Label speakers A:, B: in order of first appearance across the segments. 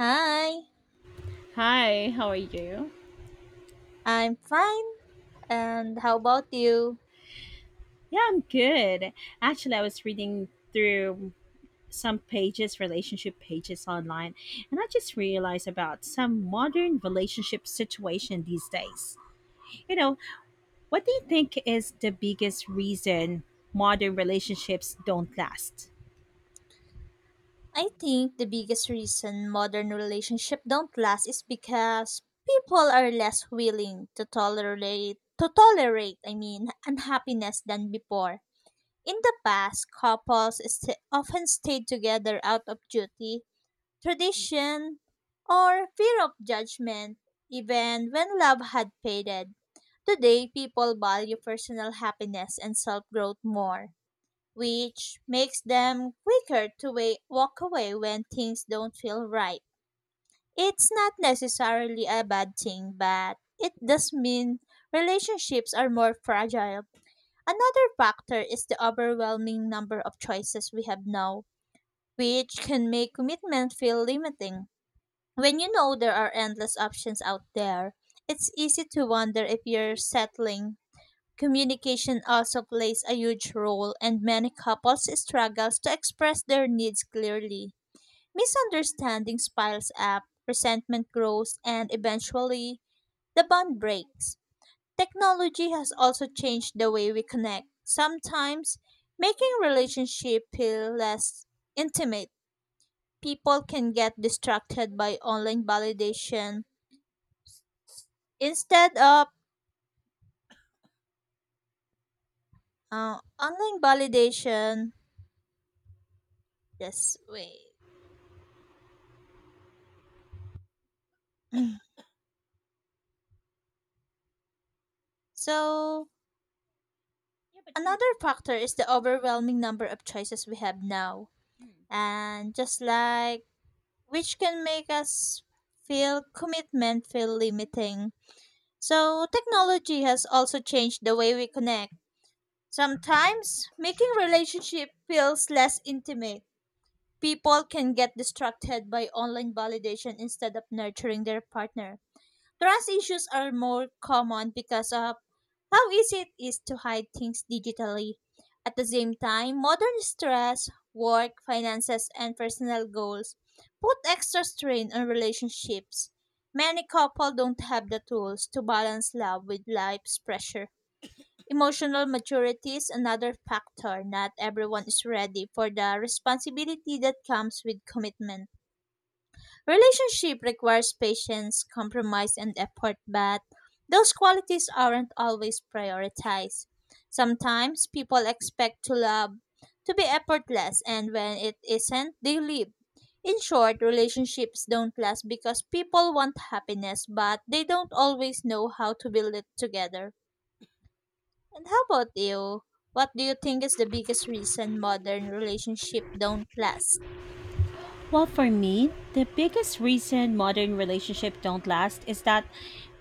A: Hi,
B: Hi, how are you?
A: I'm fine. And how about you?
B: Yeah, I'm good. Actually, I was reading through some pages, relationship pages online, and I just realized about some modern relationship situation these days. You know, what do you think is the biggest reason modern relationships don't last?
A: I think the biggest reason modern relationships don't last is because people are less willing to tolerate unhappiness than before. In the past, couples often stayed together out of duty, tradition, or fear of judgment, even when love had faded. Today, people value personal happiness and self growth more, which makes them quicker to walk away when things don't feel right. It's not necessarily a bad thing, but it does mean relationships are more fragile. Another factor is the overwhelming number of choices we have now, which can make commitment feel limiting. When you know there are endless options out there, it's easy to wonder if you're settling. Communication also plays a huge role, and many couples struggle to express their needs clearly. Misunderstandings piles up, resentment grows, and eventually the bond breaks. Technology has also changed the way we connect, sometimes making relationship feel less intimate. People can get distracted by online validation instead of online validation. Just wait. So
B: Yeah, but you
A: another factor is the overwhelming number of choices we have now.
B: know.
A: And just like, which can make us feel commitment feel limiting. So technology has also changed the way we connect. Sometimes making relationship feels less intimate. People can get distracted by online validation instead of nurturing their partner. Trust issues are more common because of how easy it is to hide things digitally. At the same time, modern stress, work, finances, and personal goals put extra strain on relationships. Many couples don't have the tools to balance love with life's pressure. Emotional maturity is another factor. Not everyone is ready for the responsibility that comes with commitment. Relationship requires patience, compromise, and effort, but those qualities aren't always prioritized. Sometimes people expect to love to be effortless, and when it isn't, they leave. In short, relationships don't last because people want happiness, but they don't always know how to build it together. And how about you? What do you think is the biggest reason modern relationships don't last?
B: Well, for me, the biggest reason modern relationships don't last is that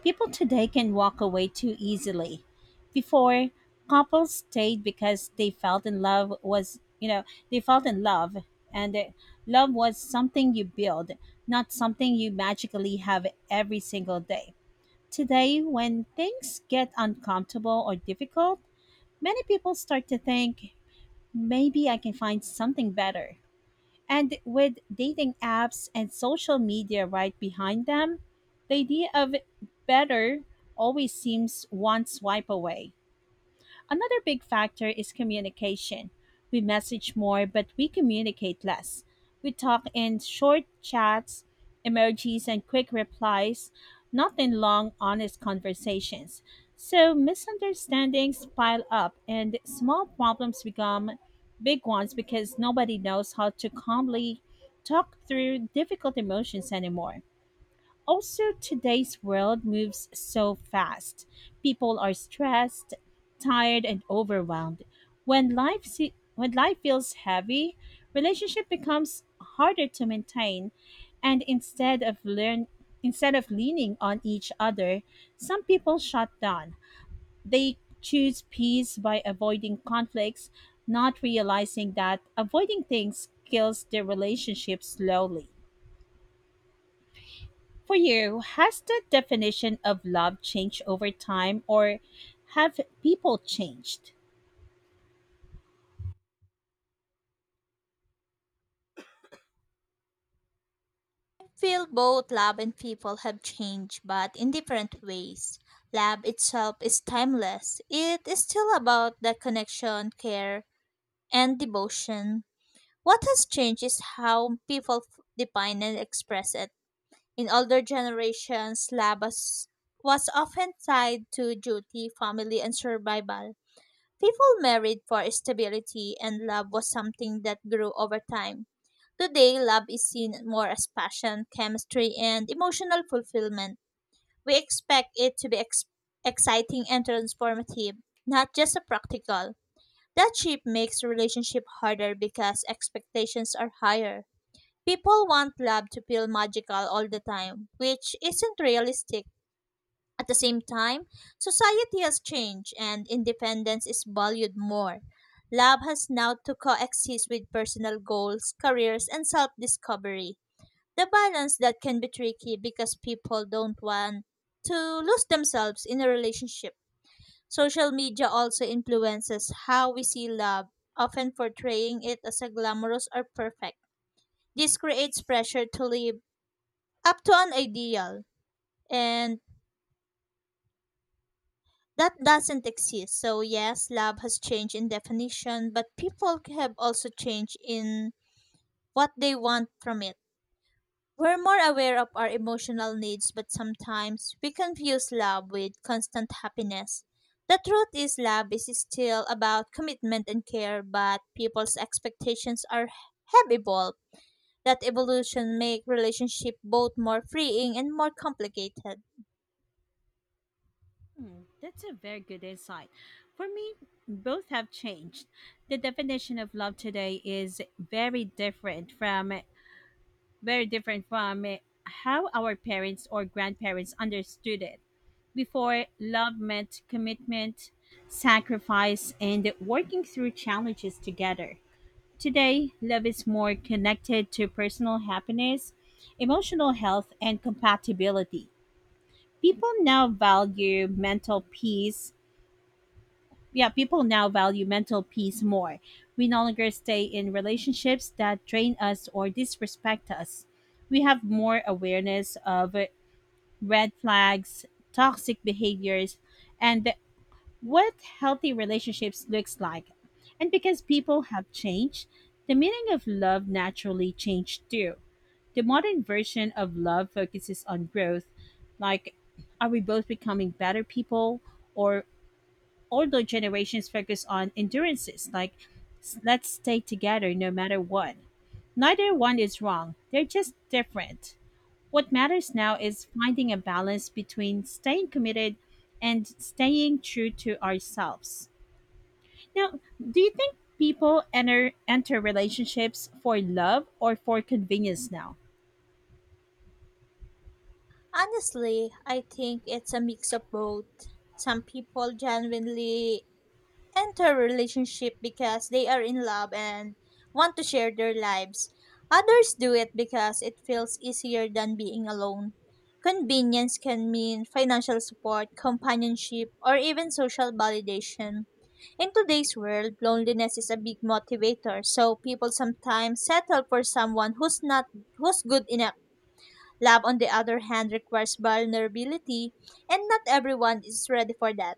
B: people today can walk away too easily. Before, couples stayed because they felt in love was, they felt in love and love was something you build, not something you magically have every single day. Today, when things get uncomfortable or difficult, many people start to think, maybe I can find something better, and with dating apps and social media right behind them, the idea of better always seems one swipe away. Another big factor is communication. We message more, but we communicate less. We talk in short chats, emojis, and quick replies, not in long, honest conversations. So misunderstandings pile up, and small problems become big ones because nobody knows how to calmly talk through difficult emotions anymore. Also, today's world moves so fast. People are stressed, tired, and overwhelmed. When life feels heavy, relationship becomes harder to maintain, and instead of leaning on each other, some people shut down. They choose peace by avoiding conflicts, not realizing that avoiding things kills their relationship slowly. For you, has the definition of love changed over time, or have people changed?
A: Feel both lab and people have changed, but in different ways. Lab itself is timeless. It is still about the connection, care, and devotion. What has changed is how people define and express it. In older generations, was often tied to duty, family, and survival. People married for stability and love was something that grew over time. Today, love is seen more as passion, chemistry, and emotional fulfillment. We expect it to be exciting and transformative, not just a practical. That shift makes relationship harder because expectations are higher. People want love to feel magical all the time, which isn't realistic. At the same time, society has changed and independence is valued more. Love has now to coexist with personal goals, careers, and self discovery. The balance that can be tricky because people don't want to lose themselves in a relationship. Social media also influences how we see love, often portraying it as a glamorous or perfect. This creates pressure to live up to an ideal, and that doesn't exist. So yes, love has changed in definition, but people have also changed in what they want from it. We're more aware of our emotional needs, but sometimes we confuse love with constant happiness. The truth is love is still about commitment and care, but people's expectations are have evolved. That evolution make relationship both more freeing and more complicated.
B: That's a very good insight. For me, both have changed. The definition of love today is very different from how our parents or grandparents understood it. Before, love meant commitment, sacrifice, and working through challenges together. Today, love is more connected to personal happiness, emotional health, and compatibility. People now value mental peace. Yeah, people now value mental peace more. We no longer stay in relationships that drain us or disrespect us. We have more awareness of red flags, toxic behaviors, and what healthy relationships looks like. And because people have changed, the meaning of love naturally changed too. The modern version of love focuses on growth, like, are we both becoming better people, or older generations focus on endurances, like, let's stay together no matter what. Neither one is wrong. They're just different. What matters now is finding a balance between staying committed and staying true to ourselves. Now, do you think people enter relationships for love or for convenience now?
A: Honestly, I think it's a mix of both. Some people genuinely enter a relationship because they are in love and want to share their lives. Others do it because it feels easier than being alone. Convenience can mean financial support, companionship, or even social validation. In today's world, loneliness is a big motivator, so people sometimes settle for someone who's not who's good enough. Love, on the other hand, requires vulnerability, and not everyone is ready for that.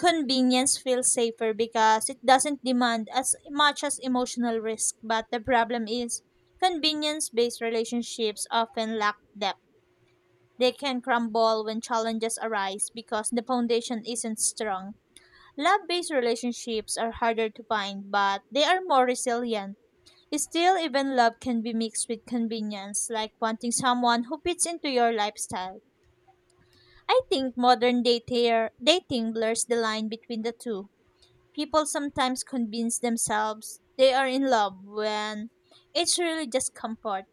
A: Convenience feels safer because it doesn't demand as much as emotional risk, but the problem is convenience based relationships often lack depth. They can crumble when challenges arise because the foundation isn't strong. Love based relationships are harder to find, but they are more resilient. Still, even love can be mixed with convenience, like wanting someone who fits into your lifestyle. I think dating blurs the line between the two. People sometimes convince themselves they are in love when it's really just comfort.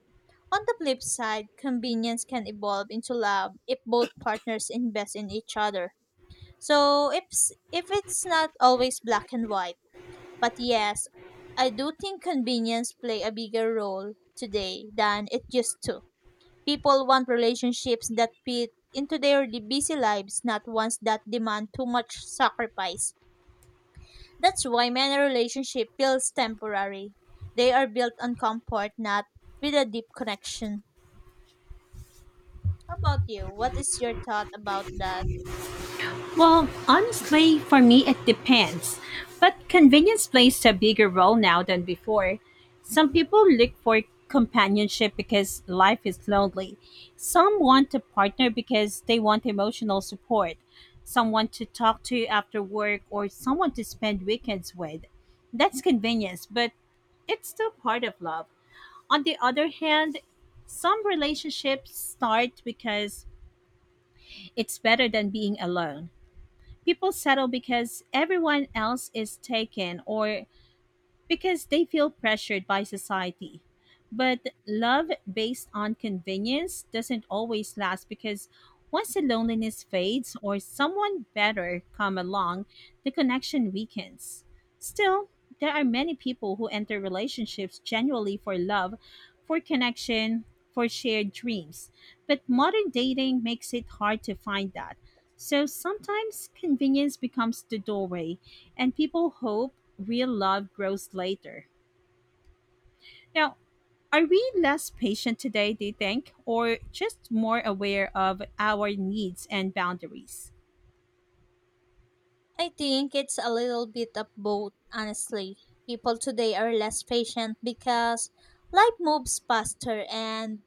A: On the flip side, convenience can evolve into love if both partners invest in each other. So if it's not always black and white, but yes, I do think convenience play a bigger role today than it used to. People want relationships that fit into their busy lives, not ones that demand too much sacrifice. That's why many relationships feels temporary. They are built on comfort, not with a deep connection. How about you? What is your thought about that?
B: Well, honestly, for me, it depends. But convenience plays a bigger role now than before. Some people look for companionship because life is lonely. Some want a partner because they want emotional support, someone to talk to after work, or someone to spend weekends with. That's convenience, but it's still part of love. On the other hand, some relationships start because it's better than being alone. People settle because everyone else is taken, or because they feel pressured by society. But love based on convenience doesn't always last because once the loneliness fades or someone better come along, the connection weakens. Still, there are many people who enter relationships genuinely for love, for connection, for shared dreams. But modern dating makes it hard to find that. So sometimes convenience becomes the doorway, and people hope real love grows later. Now, are we less patient today, do you think, or just more aware of our needs and boundaries?
A: I think it's a little bit of both, honestly. People today are less patient because life moves faster and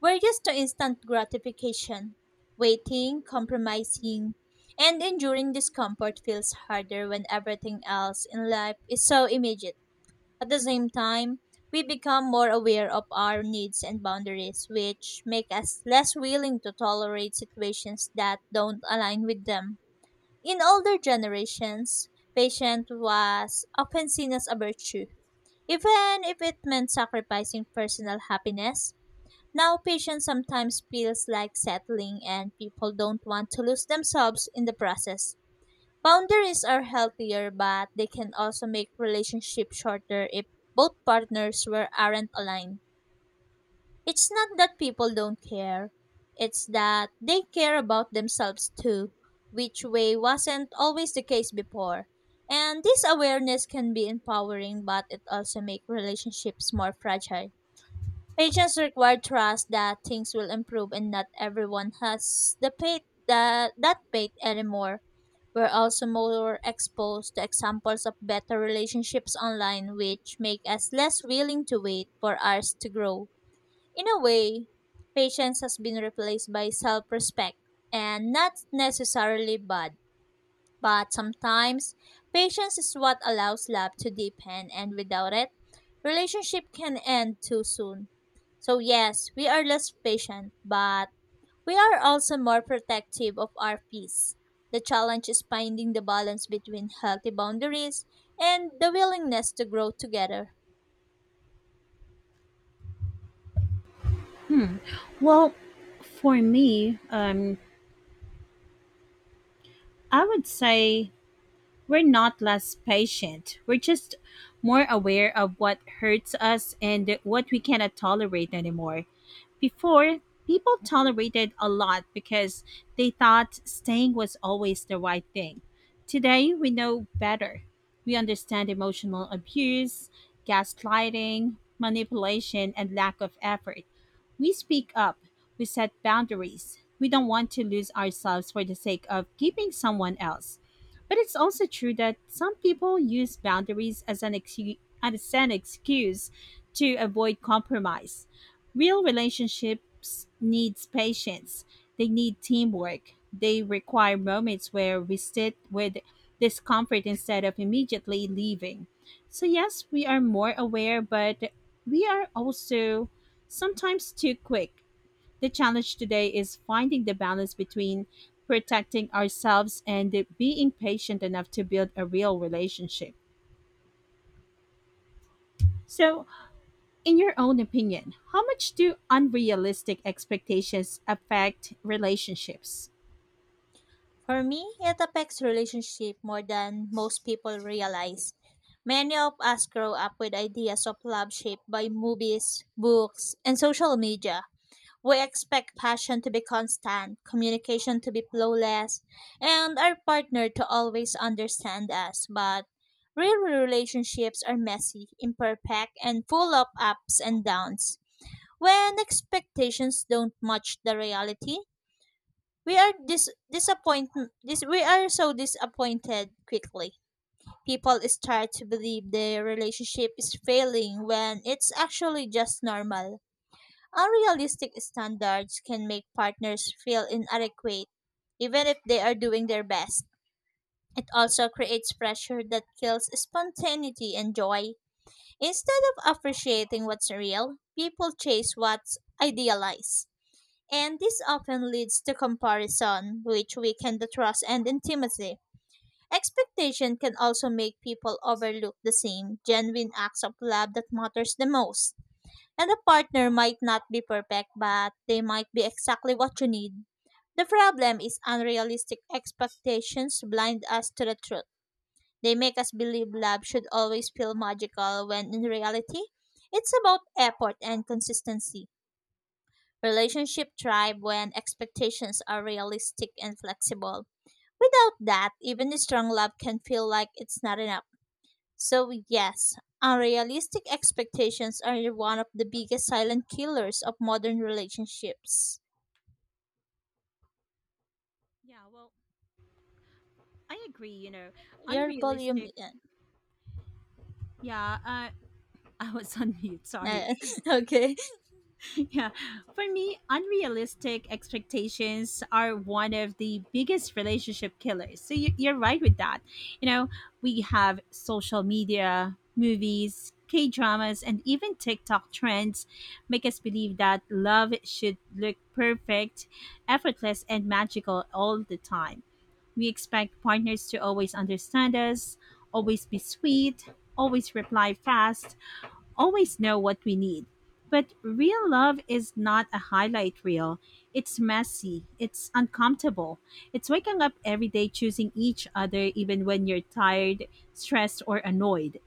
A: we're used to instant gratification. Waiting, compromising, and enduring discomfort feels harder when everything else in life is so immediate. At the same time, we become more aware of our needs and boundaries, which make us less willing to tolerate situations that don't align with them. In older generations, patience was often seen as a virtue, even if it meant sacrificing personal happiness. Now, patience sometimes feels like settling, and people don't want to lose themselves in the process. Boundaries are healthier, but they can also make relationships shorter if both partners were aren't aligned. It's not that people don't care, it's that they care about themselves too, which way wasn't always the case before. And this awareness can be empowering, but it also makes relationships more fragile. Patience require trust that things will improve and not everyone has that faith anymore. We're also more exposed to examples of better relationships online, which make us less willing to wait for ours to grow. In a way, patience has been replaced by self respect, and not necessarily bad. But sometimes, patience is what allows love to deepen, and without it, relationship can end too soon. So, yes, we are less patient, but we are also more protective of our peace. The challenge is finding the balance between healthy boundaries and the willingness to grow together.
B: Well, for me, I would say we're not less patient. We're just more aware of what hurts us and what we cannot tolerate anymore. Before, people tolerated a lot because they thought staying was always the right thing. Today, we know better. We understand emotional abuse, gaslighting, manipulation, and lack of effort. We speak up, we set boundaries. We don't want to lose ourselves for the sake of keeping someone else. But it's also true that some people use boundaries as an, as an excuse to avoid compromise. Real relationships needs patience. They need teamwork. They require moments where we sit with discomfort instead of immediately leaving. So yes, we are more aware, but we are also sometimes too quick. The challenge today is finding the balance between protecting ourselves and being patient enough to build a real relationship. So, in your own opinion, how much do unrealistic expectations affect relationships?
A: For me, it affects relationship more than most people realize. Many of us grow up with ideas of love shaped by movies, books, and social media. We expect passion to be constant, communication to be flawless, and our partner to always understand us. But real relationships are messy, imperfect, and full of ups and downs. When expectations don't match the reality, we are dis- disappoint we are so disappointed quickly. People start to believe their relationship is failing when it's actually just normal. Unrealistic standards can make partners feel inadequate even if they are doing their best. It also creates pressure that kills spontaneity and joy. Instead of appreciating what's real, people chase what's idealized. And this often leads to comparison, which weaken the trust and intimacy. Expectation can also make people overlook the same genuine acts of love that matters the most. And a partner might not be perfect, but they might be exactly what you need. The problem is unrealistic expectations blind us to the truth. They make us believe love should always feel magical when in reality, it's about effort and consistency. Relationship thrive when expectations are realistic and flexible. Without that, even strong love can feel like it's not enough. So, yes, unrealistic expectations are one of the biggest silent killers of modern relationships.
B: Yeah, well, I agree. You know,
A: Your volume.
B: unrealistic. Yeah, uh, I was on mute. Sorry.
A: Uh, okay.
B: yeah. For me, unrealistic expectations are one of the biggest relationship killers. So you're right with that. You know, we have social media, movies, K dramas, and even TikTok trends make us believe that love should look perfect, effortless, and magical all the time. We expect partners to always understand us, always be sweet, always reply fast, always know what we need. But real love is not a highlight reel. It's messy. It's uncomfortable. It's waking up every day choosing each other even when you're tired, stressed, or annoyed.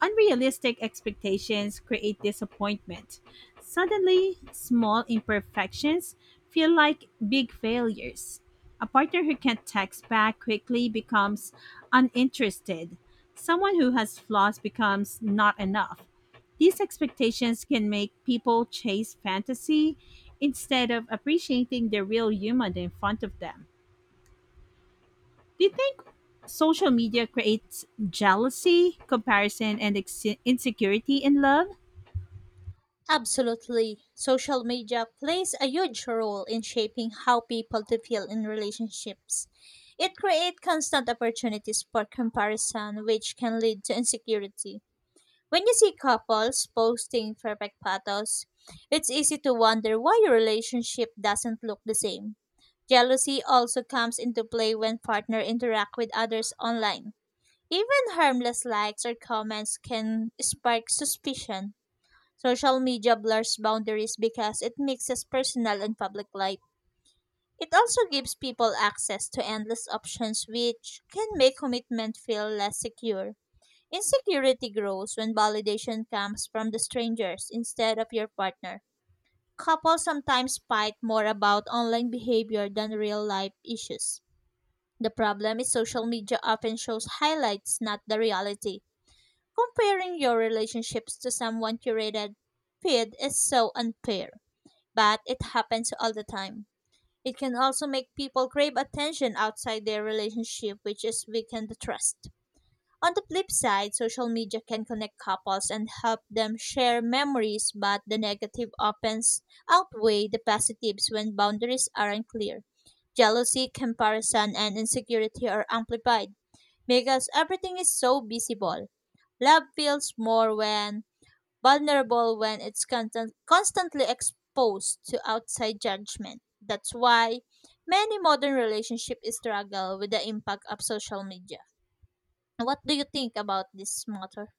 B: Unrealistic expectations create disappointment. Suddenly, small imperfections feel like big failures. A partner who can't text back quickly becomes uninterested. Someone who has flaws becomes not enough. These expectations can make people chase fantasy instead of appreciating the real human in front of them. Do you think social media creates jealousy, comparison, and insecurity in love?
A: Absolutely. Social media plays a huge role in shaping how people to feel in relationships. It creates constant opportunities for comparison, which can lead to insecurity. When you see couples posting perfect photos, it's easy to wonder why your relationship doesn't look the same. Jealousy also comes into play when partners interact with others online. Even harmless likes or comments can spark suspicion. Social media blurs boundaries because it mixes personal and public life. It also gives people access to endless options, which can make commitment feel less secure. Insecurity grows when validation comes from the strangers instead of your partner. Couples sometimes fight more about online behavior than real life issues. The problem is social media often shows highlights, not the reality. Comparing your relationships to someone curated feed is so unfair but it happens all the time. It can also make people crave attention outside their relationship, which is weaken the trust. On the flip side, social media can connect couples and help them share memories, but the negative often outweigh the positives when boundaries aren't clear. Jealousy, comparison, and insecurity are amplified because everything is so visible. Love feels more when vulnerable when it's constant, constantly exposed to outside judgment. That's why many modern relationships struggle with the impact of social media. What do you think about this matter?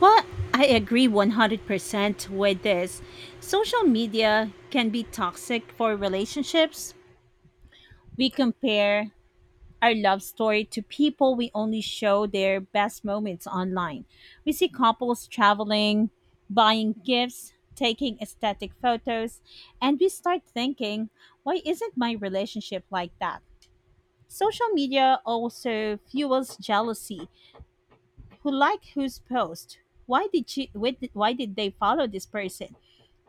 B: Well, I agree 100% with this. Social media can be toxic for relationships. We compare our love story to people we only show their best moments online. We see couples traveling, buying gifts, taking aesthetic photos, and we start thinking, why isn't my relationship like that? Social media also fuels jealousy. Who like whose post? Why did she? Why did they follow this person?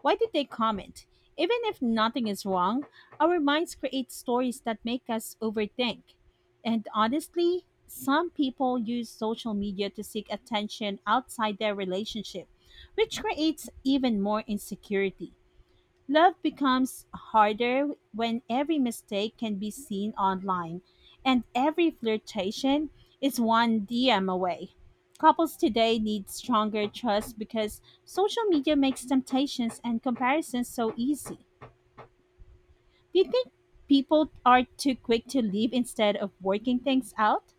B: Why did they comment? Even if nothing is wrong, our minds create stories that make us overthink. And honestly, some people use social media to seek attention outside their relationship, which creates even more insecurity. Love becomes harder when every mistake can be seen online and every flirtation is one DM away. Couples today need stronger trust because social media makes temptations and comparisons so easy. Do you think people are too quick to leave instead of working things out?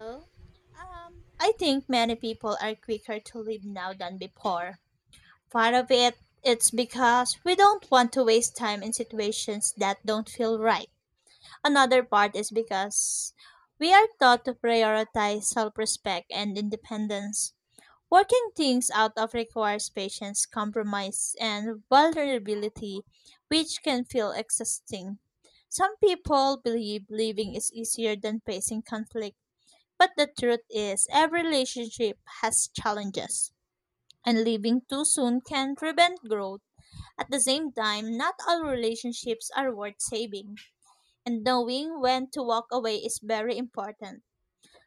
A: Well, I think many people are quicker to leave now than before. Part of it, it's because we don't want to waste time in situations that don't feel right. Another part is because we are taught to prioritize self respect and independence. Working things out of requires patience, compromise, and vulnerability, which can feel exhausting. Some people believe living is easier than facing conflict, but the truth is every relationship has challenges, and leaving too soon can prevent growth. At the same time, not all relationships are worth saving, and knowing when to walk away is very important.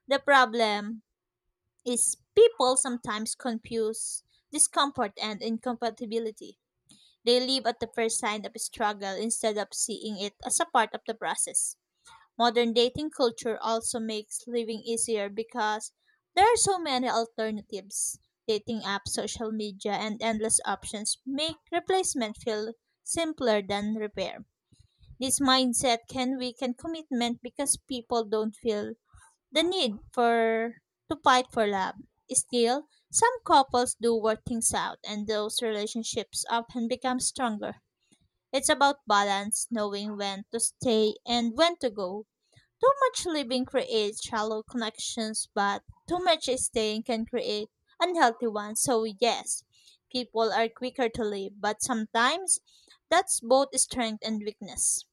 A: The problem is people sometimes confuse discomfort and incompatibility. They live at the first sign of struggle instead of seeing it as a part of the process. Modern dating culture also makes living easier because there are so many alternatives. Dating apps, social media, and endless options make replacement feel simpler than repair. This mindset can weaken commitment because people don't feel the need for to fight for love. Still, some couples do work things out and those relationships often become stronger. It's about balance, knowing when to stay and when to go. Too much living creates shallow connections, but too much staying can create unhealthy ones. So yes, people are quicker to leave, but sometimes that's both strength and weakness.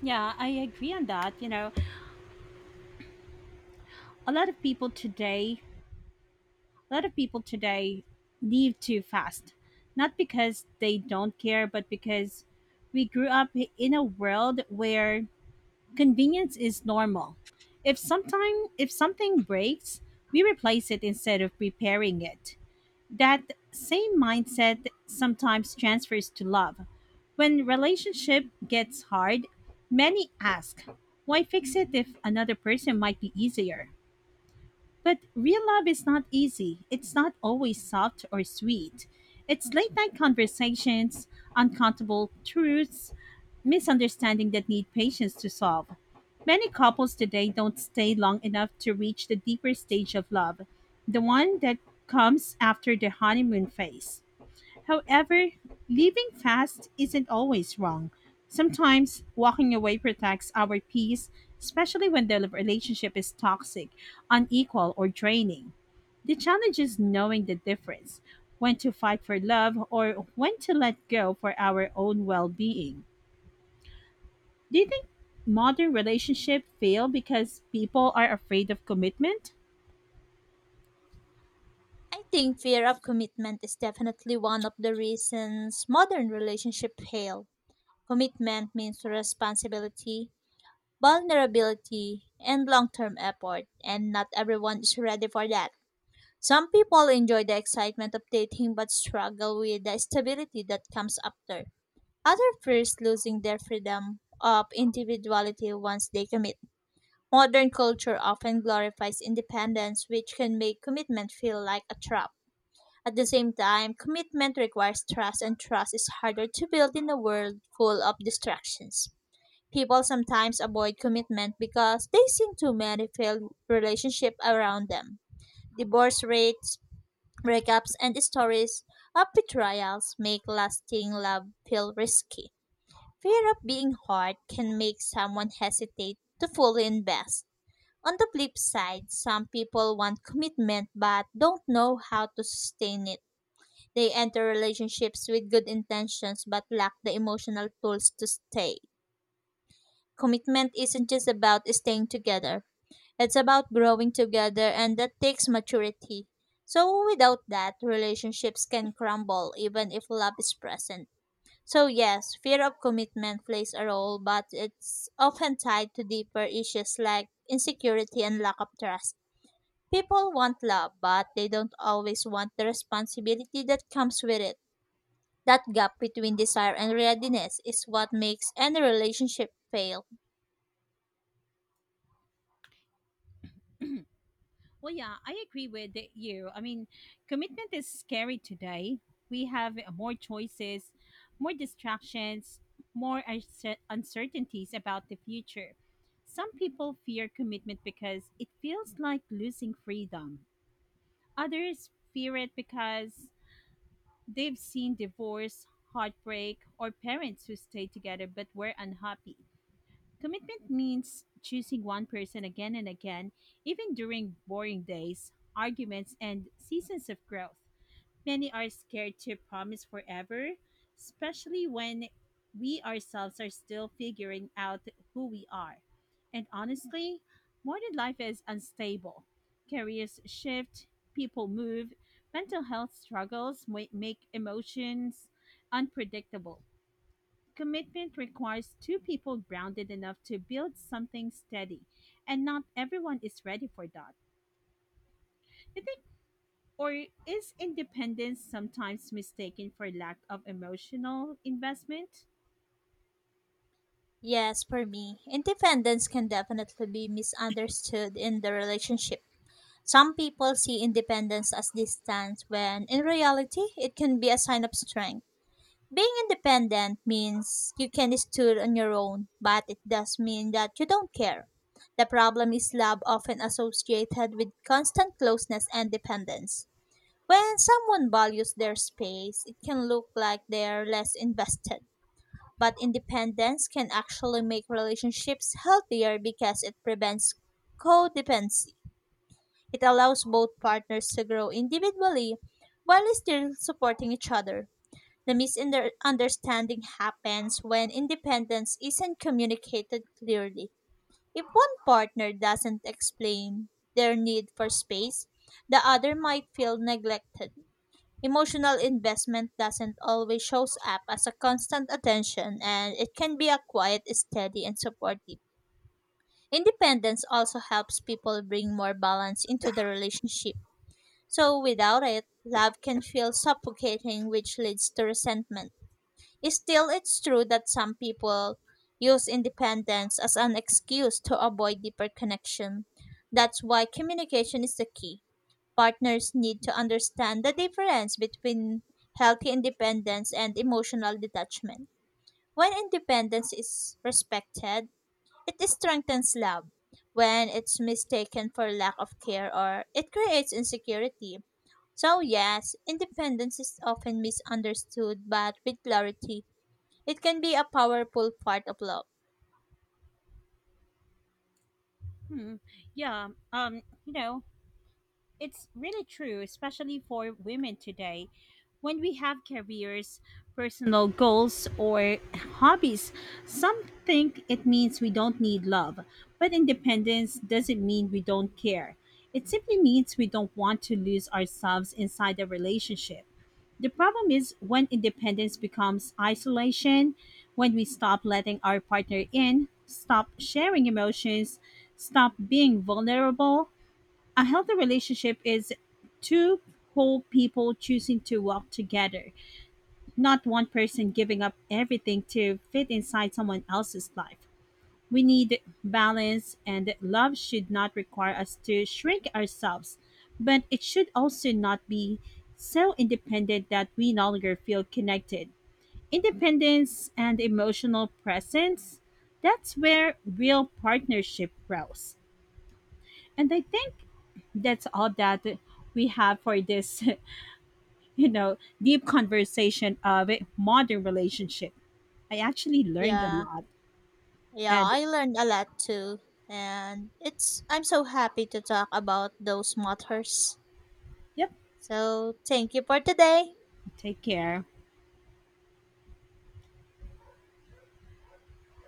B: Yeah, I agree on that. You know, a lot of people today a lot of people today leave too fast, not because they don't care, but because we grew up in a world where convenience is normal. If something breaks, we replace it instead of repairing it. That same mindset sometimes transfers to love. When relationship gets hard, many ask, why fix it if another person might be easier? But real love is not easy. It's not always soft or sweet. It's late night conversations, uncountable truths, misunderstanding that need patience to solve. Many couples today don't stay long enough to reach the deeper stage of love, the one that comes after the honeymoon phase. However, living fast isn't always wrong. Sometimes walking away protects our peace, especially when the relationship is toxic, unequal, or draining. The challenge is knowing the difference, when to fight for love or when to let go for our own well being. Do you think modern relationships fail because people are afraid of commitment?
A: I think fear of commitment is definitely one of the reasons modern relationships fail. Commitment means responsibility, vulnerability, and long term effort, and not everyone is ready for that. Some people enjoy the excitement of dating but struggle with the stability that comes after. Others fear losing their freedom of individuality once they commit. Modern culture often glorifies independence, which can make commitment feel like a trap. At the same time, commitment requires trust, and trust is harder to build in a world full of distractions. People sometimes avoid commitment because they see too many failed relationships around them. Divorce rates, breakups, and stories of betrayals make lasting love feel risky. Fear of being hurt can make someone hesitate to fully invest. On the flip side, some people want commitment but don't know how to sustain it, they enter relationships with good intentions but lack the emotional tools to stay. Commitment isn't just about staying together, it's about growing together, and that takes maturity. So, without that, relationships can crumble even if love is present. So, yes, fear of commitment plays a role, but it's often tied to deeper issues like insecurity and lack of trust. People want love, but they don't always want the responsibility that comes with it. That gap between desire and readiness is what makes any relationship fail.
B: Well, yeah, I agree with you. I mean, commitment is scary today. We have more choices, more distractions, uncertainties about the future. Some people fear commitment because it feels like losing freedom. Others fear it because they've seen divorce, heartbreak, or parents who stayed together but were unhappy. Commitment means choosing one person again and again, even during boring days, arguments, and seasons of growth. Many are scared to promise forever, especially when we ourselves are still figuring out who we are. And honestly, modern life is unstable. Careers shift, people move, mental health make emotions unpredictable. Commitment requires two people grounded enough to build something steady, and not everyone is ready for that. You think, or is independence sometimes mistaken for lack of emotional investment?
A: Yes, for me, independence can definitely be misunderstood in the relationship. Some people see independence as distance when in reality it can be a sign of strength. Being independent means you can stood on your own, but it does mean that you don't care. The problem is love often associated with constant closeness and dependence. When someone values their space, it can look like they're less invested. But independence can actually make relationships healthier because it prevents codependency. It allows both partners to grow individually while still supporting each other. The misunderstanding happens when independence isn't communicated clearly. If one partner doesn't explain their need for space, the other might feel neglected. Emotional investment doesn't always shows up as a constant attention and it can be a quiet, steady and supportive. Independence also helps people bring more balance into the relationship. So without it, love can feel suffocating which leads to resentment. Still, it's true that some people use independence as an excuse to avoid deeper connection. That's why communication is the key, partners need to understand the difference between healthy independence and emotional detachment. When independence is respected, it strengthens love. When it's mistaken for lack of care or it creates insecurity. So, yes, independence is often misunderstood, but with clarity, it can be a powerful part of love.
B: Hmm. Yeah. You know, it's really true, especially for women today. When we have careers, personal goals, or hobbies, some think it means we don't need love, but independence doesn't mean we don't care. It simply means we don't want to lose ourselves inside a relationship. The problem is when independence becomes isolation, when we stop letting our partner in, stop sharing emotions, stop being vulnerable. A healthy relationship is two whole people choosing to walk together, not one person giving up everything to fit inside someone else's life. We need balance, and love should not require us to shrink ourselves, but it should also not be so independent that we no longer feel connected. Independence and emotional presence, that's where real partnership grows. And I think that's all that we have for this, you know, deep conversation of a modern relationship. I actually learned a
A: Yeah,
B: lot.
A: yeah,
B: And
A: I learned a lot too. And it's I'm so happy to talk about those matters.
B: yep,
A: So, thank you for today.
B: take care.